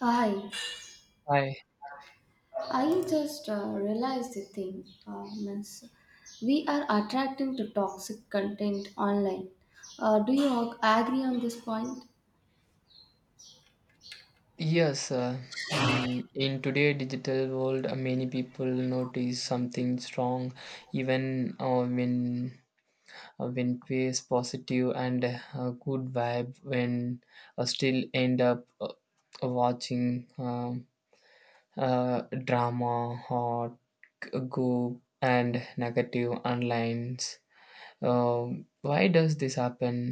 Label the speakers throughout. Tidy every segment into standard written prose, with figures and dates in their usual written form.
Speaker 1: Hi,
Speaker 2: Hi.
Speaker 1: I just realized the thing, means we are attracting to toxic content online. Do you agree on this point?
Speaker 2: Yes, in today digital world, many people notice something strong, even when when face positive and good vibe, when still end up watching uh, drama or go and negative online. Why does this happen?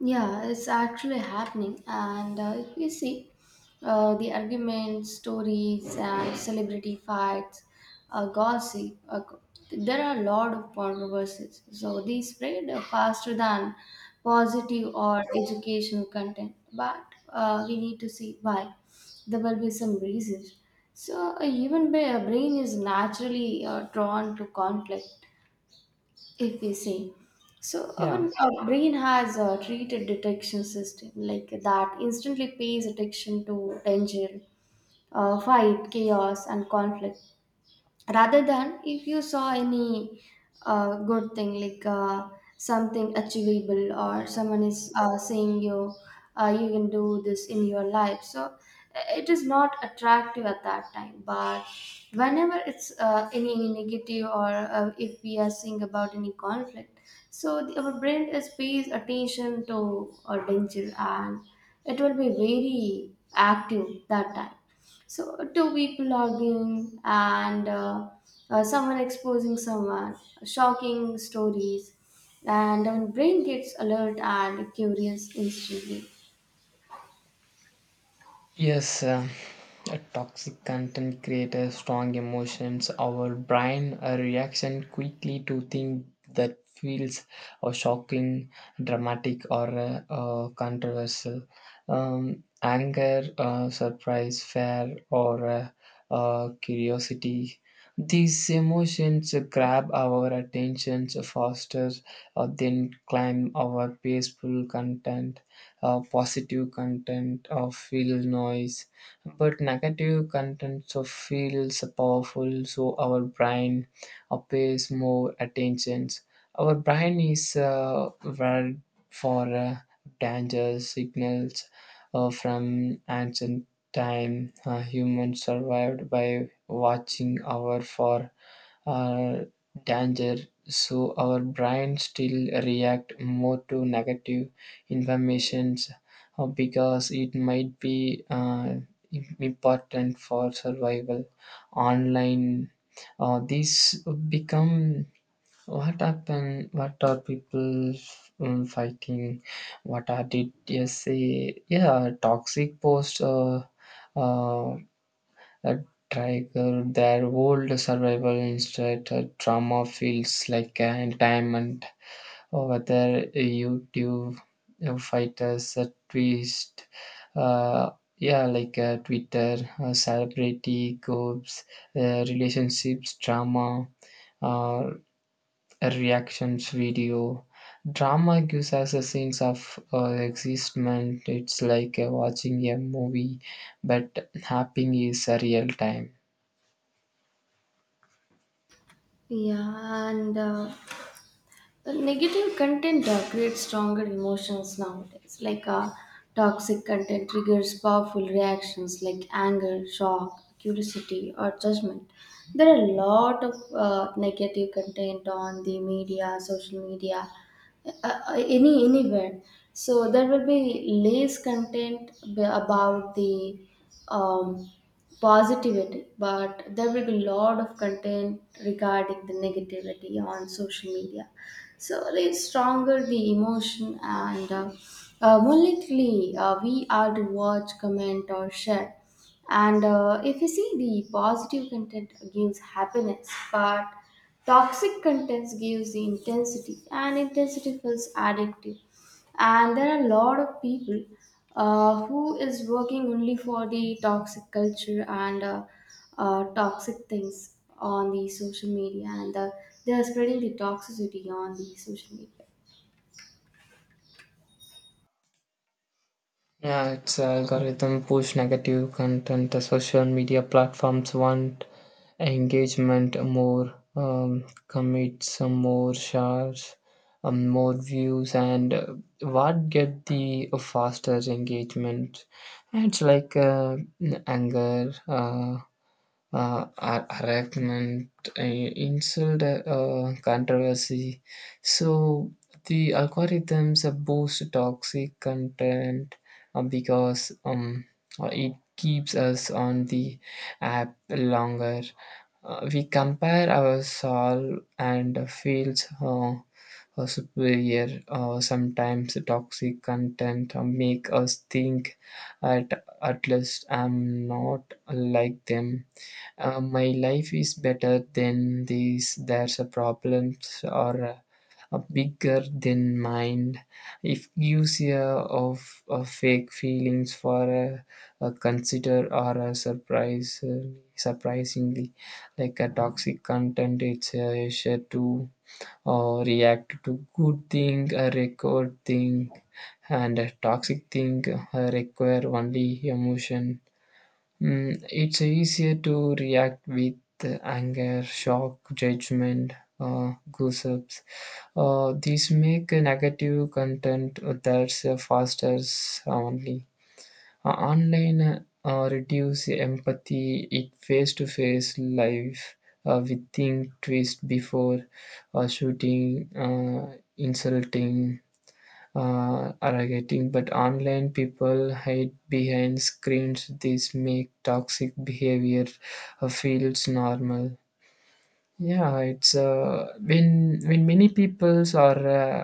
Speaker 1: Yeah, it's actually happening. And if you see the arguments, stories, and celebrity fights, gossip, there are a lot of controversies. So these spread faster than positive or educational content. But we need to see why. There will be some reasons. So a human brain is naturally drawn to conflict if we see so our,
Speaker 2: Yeah.
Speaker 1: our brain has a treated detection system like that instantly pays attention to danger, fight, chaos, and conflict, rather than if you saw any good thing like something achievable or someone is saying you you can do this in your life. So it is not attractive at that time, but whenever it's any negative or if we are seeing about any conflict, so our brain is pays attention to danger, and it will be very active that time. So two people arguing and someone exposing someone, shocking stories, and our brain gets alert and curious instantly.
Speaker 2: Yes, a toxic content creates strong emotions. Our brain reaction quickly to things that feels or shocking, dramatic, or controversial. Anger, surprise, fear, or curiosity. These emotions grab our attention faster than climb our peaceful content, positive content of feel noise, but negative content, so feels are powerful, so our brain pays more attentions. Our brain is wired for danger signals from ancient time. Humans survived by watching hour for uh, danger, so our brain still react more to negative informations because it might be important for survival online. These become what happened, what are people fighting, what are did you say? Yeah, toxic posts. Uh, a tiger, their old survival instinct, a drama feels like an diamond. Whether YouTube fighters, a twist, uh, yeah, like Twitter, celebrity groups, relationships, drama, uh, reactions, video. Drama gives us a sense of existence. It's like watching a movie, but happening is a real time.
Speaker 1: Yeah, and the negative content creates stronger emotions nowadays. Like toxic content triggers powerful reactions like anger, shock, curiosity, or judgment. There are a lot of negative content on the media, social media, any anywhere. So there will be less content about the um, positivity, but there will be a lot of content regarding the negativity on social media. So let's stronger the emotion, and more likely we are to watch, comment, or share. And if you see, the positive content gives happiness, but toxic content gives the intensity, and intensity feels addictive. And there are a lot of people who is working only for the toxic culture, and toxic things on the social media, and they are spreading the toxicity on the social media.
Speaker 2: Yeah, it's algorithm push negative content. The social media platforms want engagement more, commit some more shares, more views, and what get the faster engagement? And it's like anger. Harassment, uh, insult, controversy. So the algorithms boost toxic content because it keeps us on the app longer. We compare ourselves and feels superior. Sometimes toxic content make us think at least I'm not like them. My life is better than this, there's a problems or a bigger than mine. It gives you of fake feelings for a consider or a surprise, surprisingly. Like a toxic content, it's a share to or react to good thing, a record thing, and a toxic thing require only emotion. Mm, it's easier to react with anger, shock, judgment, goosebumps. These make negative content that's faster only. Online reduce empathy. It face to face life. We think twist before shooting, insulting, are getting, but online people hide behind screens. This make toxic behavior feels normal. Yeah, it's uh, when many peoples are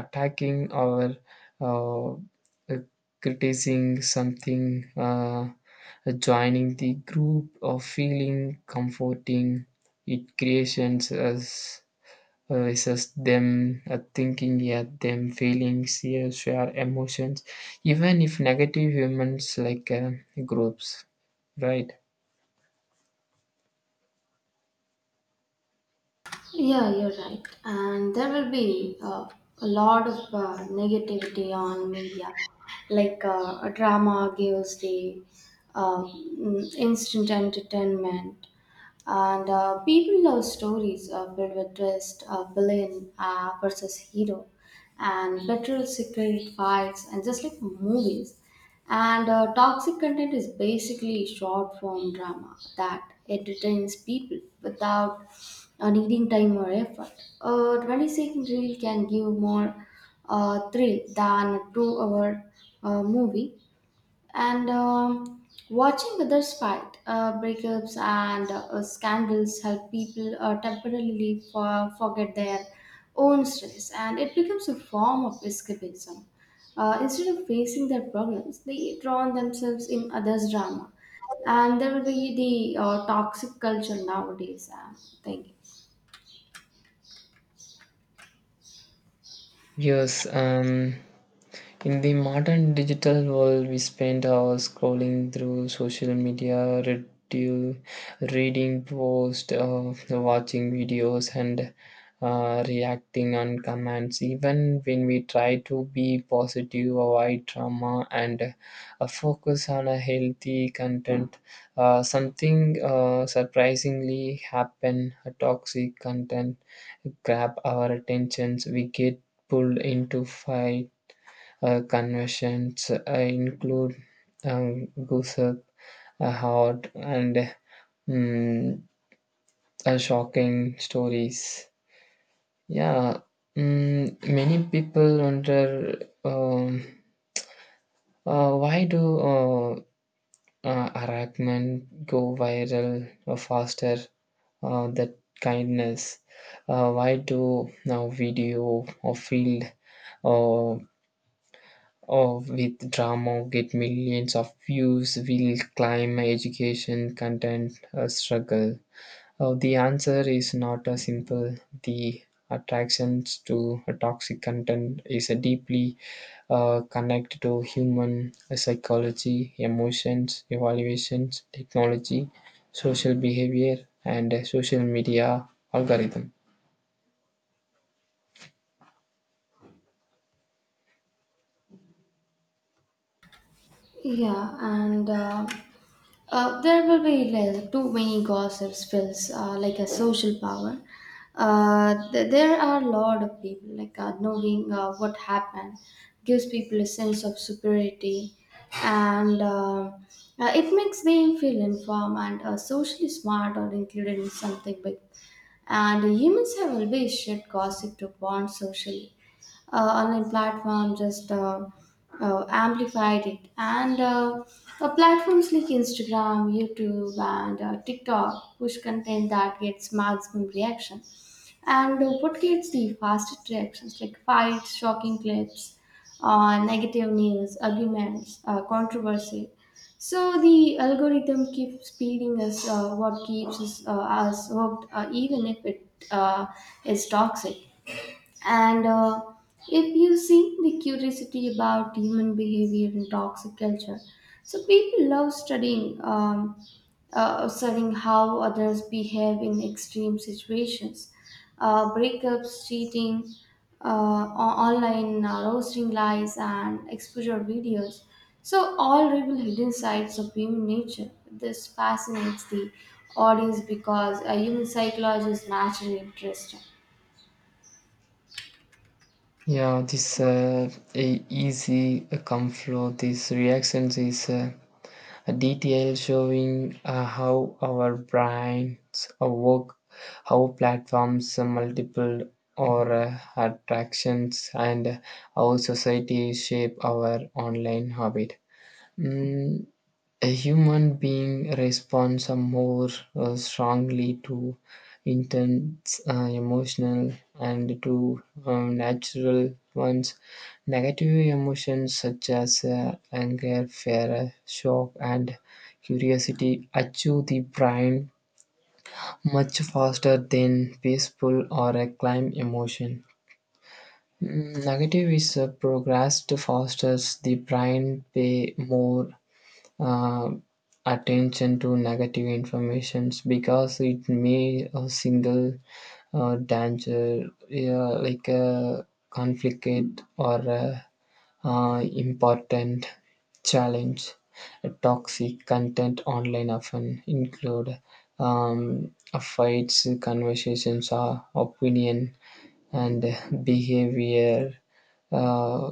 Speaker 2: attacking or uh, uh, criticizing something, joining the group or feeling comforting. It creations us, it's just them thinking, yeah, them feelings, yeah, share emotions even if negative humans like groups, right?
Speaker 1: Yeah, you're right. And there will be a lot of negativity on media. Like a drama gives the instant entertainment, and people love stories filled with twist, villain versus hero, and betrayal, secret fights, and just like movies. And toxic content is basically short form drama that entertains people without needing time or effort. A 20-second reel can give more thrill than a 2 hour movie, and watching others fight, breakups, and scandals help people temporarily forget their own stress, and it becomes a form of escapism. Instead of facing their problems, they drown themselves in others' drama, and there will be the toxic culture nowadays, I'm thinking.
Speaker 2: Yes. In the modern digital world, we spend hours scrolling through social media, reading posts, watching videos, and reacting on comments. Even when we try to be positive, avoid drama, and focus on a healthy content, something surprisingly happen. A toxic content grab our attentions. We get pulled into fight, conventions include gossip, hot, and mm, shocking stories. Yeah, mm, many people wonder why do harassment go viral faster than kindness? Why do now video or field uh, oh, with drama, get millions of views, will climb education, content, a struggle. Oh, the answer is not a simple. The attractions to a toxic content is a deeply connected to human psychology, emotions, evaluations, technology, social behavior, and social media algorithm.
Speaker 1: Yeah, and. There will be like too many gossips feels like a social power. There are a lot of people like knowing what happened gives people a sense of superiority, and it makes them feel informed and socially smart or included in something big. And humans have always shared gossip to bond socially. Online platform just amplified it, and platforms like Instagram, YouTube, and TikTok push content that gets maximum reaction. And what gets the fastest reactions like fights, shocking clips, negative news, arguments, controversy. So the algorithm keeps feeding us what keeps us hooked, even if it is toxic. And if you see the curiosity about human behavior in toxic culture, so people love studying how others behave in extreme situations, breakups, cheating, online roasting, lies, and exposure videos. So all reveal hidden sides of human nature. This fascinates the audience because a human psychology is naturally interesting.
Speaker 2: Yeah, this easy come flow. These reactions is. A detail showing how our brains work, how platforms multiple or attractions, and how society shape our online habit. Mm, a human being responds more strongly to intense emotional and to natural ones. Negative emotions such as anger, fear, shock, and curiosity achieve the brain much faster than peaceful or a calm emotion. Mm, negative is progressed fasters. The brain pay more uh, attention to negative informations because it may a single danger, yeah, like a conflict or a, important challenge. Toxic content online often include um, fights conversations or opinion and behavior, uh,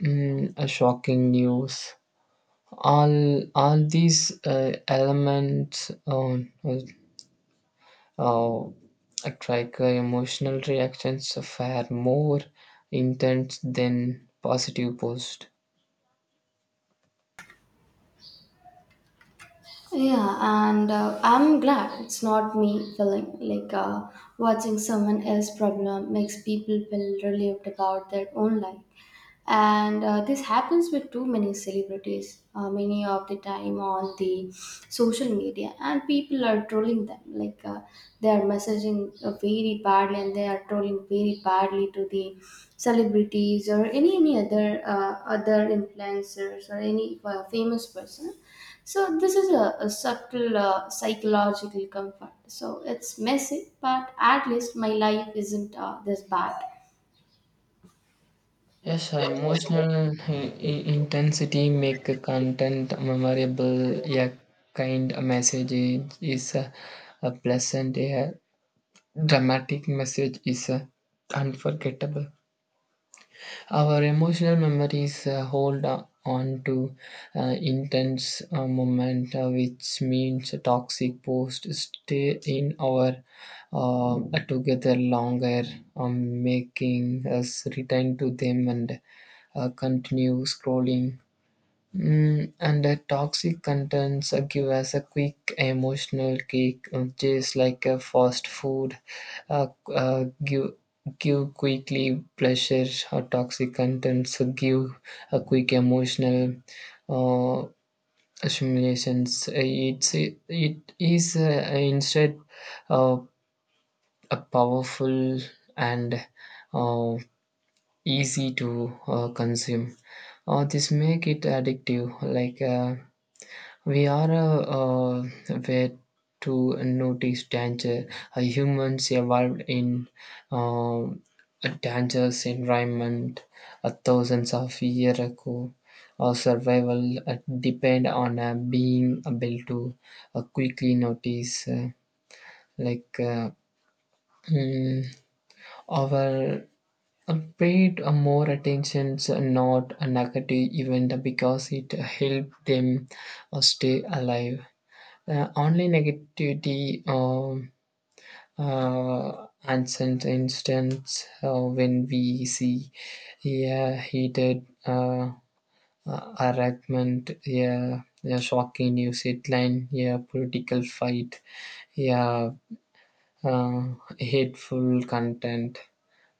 Speaker 2: shocking news. All these elements on uh, like emotional reactions are more intense than positive post.
Speaker 1: Yeah, and I'm glad it's not me feeling like watching someone else's problem makes people feel relieved about their own life. And this happens with too many celebrities many of the time on the social media, and people are trolling them like they are messaging very badly, and they are trolling very badly to the celebrities or any other other influencers or any famous person. So this is a subtle psychological comfort, so it's messy, but at least my life isn't this bad.
Speaker 2: Yes, uh, emotional intensity make a content memorable. A kind message is a pleasant, a dramatic message is a unforgettable. Our emotional memories hold on to intense moment, which means a toxic post stay in our uh, together longer, making us return to them and continue scrolling. Mm, and the toxic contents give us a quick emotional kick, which is like a fast food, uh, uh, give give quickly pleasure. Or toxic contents give a quick emotional uh, stimulations. It is instead uh, a powerful and uh, easy to consume. This make it addictive, like. We are where to notice danger. Humans evolved in uh, a dangerous environment thousands of years ago. Our survival depend on being able to quickly notice, like uh, mm, our paid more attention, not a negative event because it helped them stay alive. Online negativity, and since instance, when we see a heated argument, a shocking news headline, a political fight, a uh, hateful content.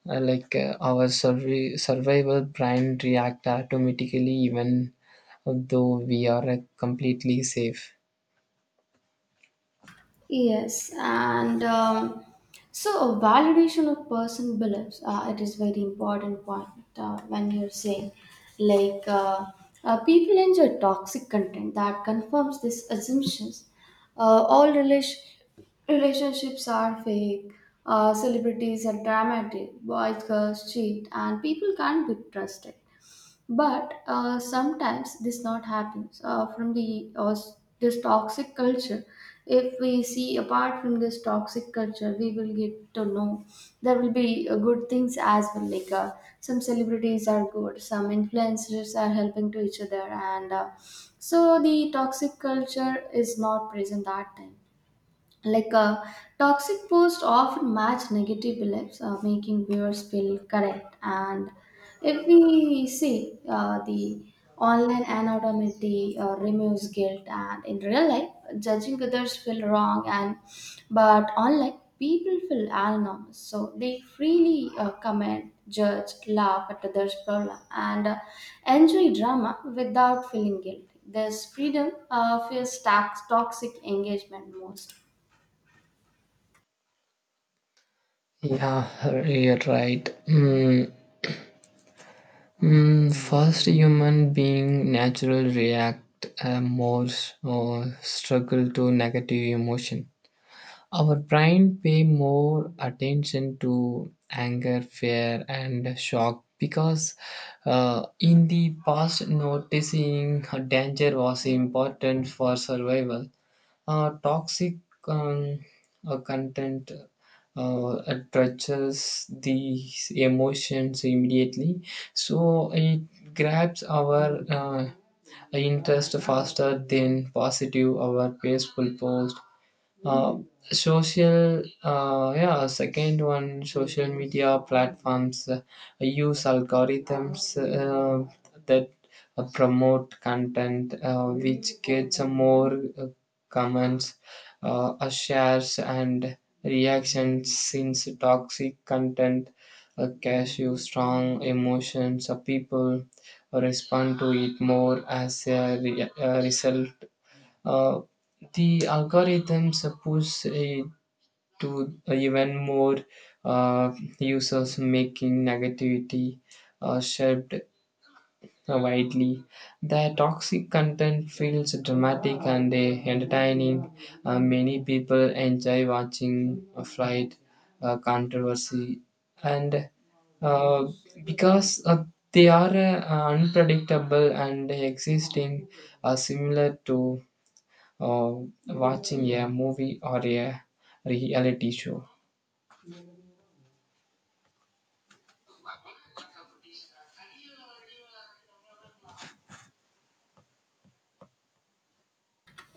Speaker 2: Our survival brain react automatically even though we are completely safe.
Speaker 1: Yes, and so validation of person beliefs. It is very important point when you're saying like people enjoy toxic content that confirms these assumptions. All relation relationships are fake. Celebrities are dramatic. Boys, girls cheat, and people can't be trusted, but sometimes this not happens from the this toxic culture. If we see apart from this toxic culture, we will get to know there will be good things as well, like some celebrities are good, some influencers are helping to each other, and so the toxic culture is not present that time, like toxic posts often match negative beliefs, making viewers feel correct. And if we see the online anonymity removes guilt, and in real life judging others feel wrong, and but online people feel anonymous, so they freely comment, judge, laugh at others problem, and enjoy drama without feeling guilty. This freedom feels toxic engagement most.
Speaker 2: Yeah, you're right. Mm, first, human being natural react more or struggle to negative emotion. Our brain pay more attention to anger, fear, and shock because in the past, noticing danger was important for survival. Toxic um, content uh, touches these emotions immediately, so it grabs our interest faster than positive or peaceful post. Uh, yeah, second one, social media platforms use algorithms that promote content which gets more comments, shares, and reactions. Since toxic content uh, you strong emotions, uh, people respond to it more as a result. Uh, the algorithms push it to even more uh, users, making negativity shared widely. The toxic content feels dramatic and entertaining. Many people enjoy watching a flight, controversy, and uh, because they are unpredictable and existing, similar to or watching a movie or a reality show.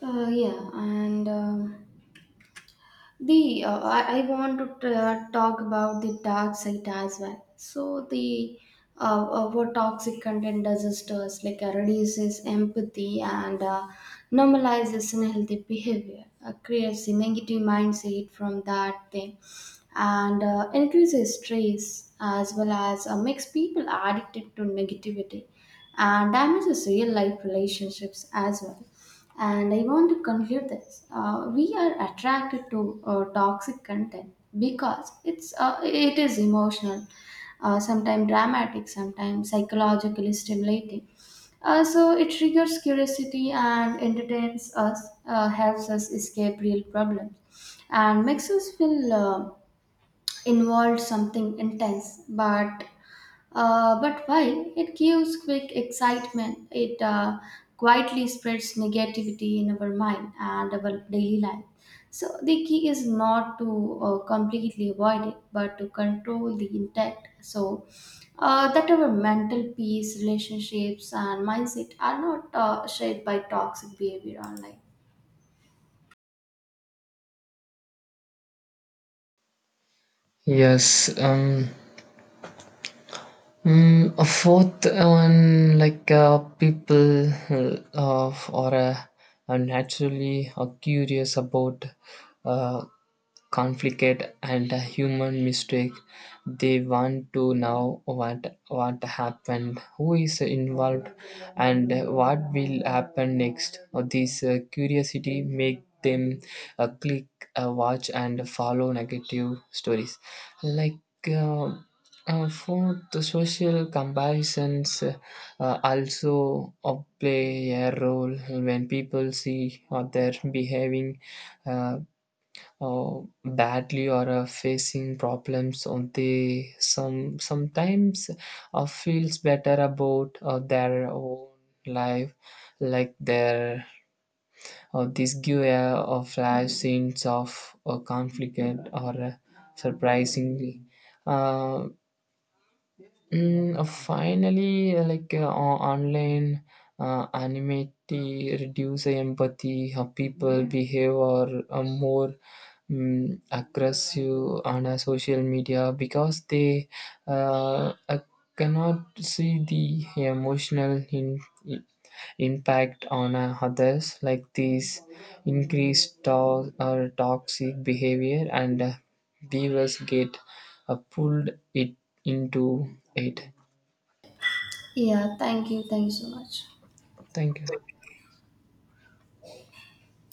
Speaker 1: Yeah, and I want to talk about the dark side as well. So the what toxic content does is to us, like reduces empathy and normalizes unhealthy behavior, creates a negative mindset from that thing, and increases stress, as well as makes people addicted to negativity and damages real life relationships as well. And I want to conclude this. We are attracted to toxic content because it is emotional, sometimes dramatic, sometimes psychologically stimulating. So it triggers curiosity and entertains us, helps us escape real problems, and makes us feel involved something intense. But while it gives quick excitement, it quietly spreads negativity in our mind and our daily life. So the key is not to completely avoid it, but to control the intact. So that our mental peace, relationships, and mindset are not shaped by toxic behavior online.
Speaker 2: Yes. A fourth one, like people or are naturally curious about uh, conflict and a human mistake. They want to know what happened, who is involved, and what will happen next. This curiosity make them click, watch and follow negative stories, like uh, for the social comparisons also play a role. When people see other behaving uh, badly or are facing problems, or they sometimes feels better about their own life, like their this give a flash sense of a conflict or surprisingly. uh, Finally, like online anonymity reduce empathy. How people behave or more mm, aggressive on a social media because they uh, uh, cannot see the emotional in, impact on others, like these increased or toxic behavior, and viewers get pulled it into it.
Speaker 1: Yeah, thank you. Thank you so much.
Speaker 2: Thank you.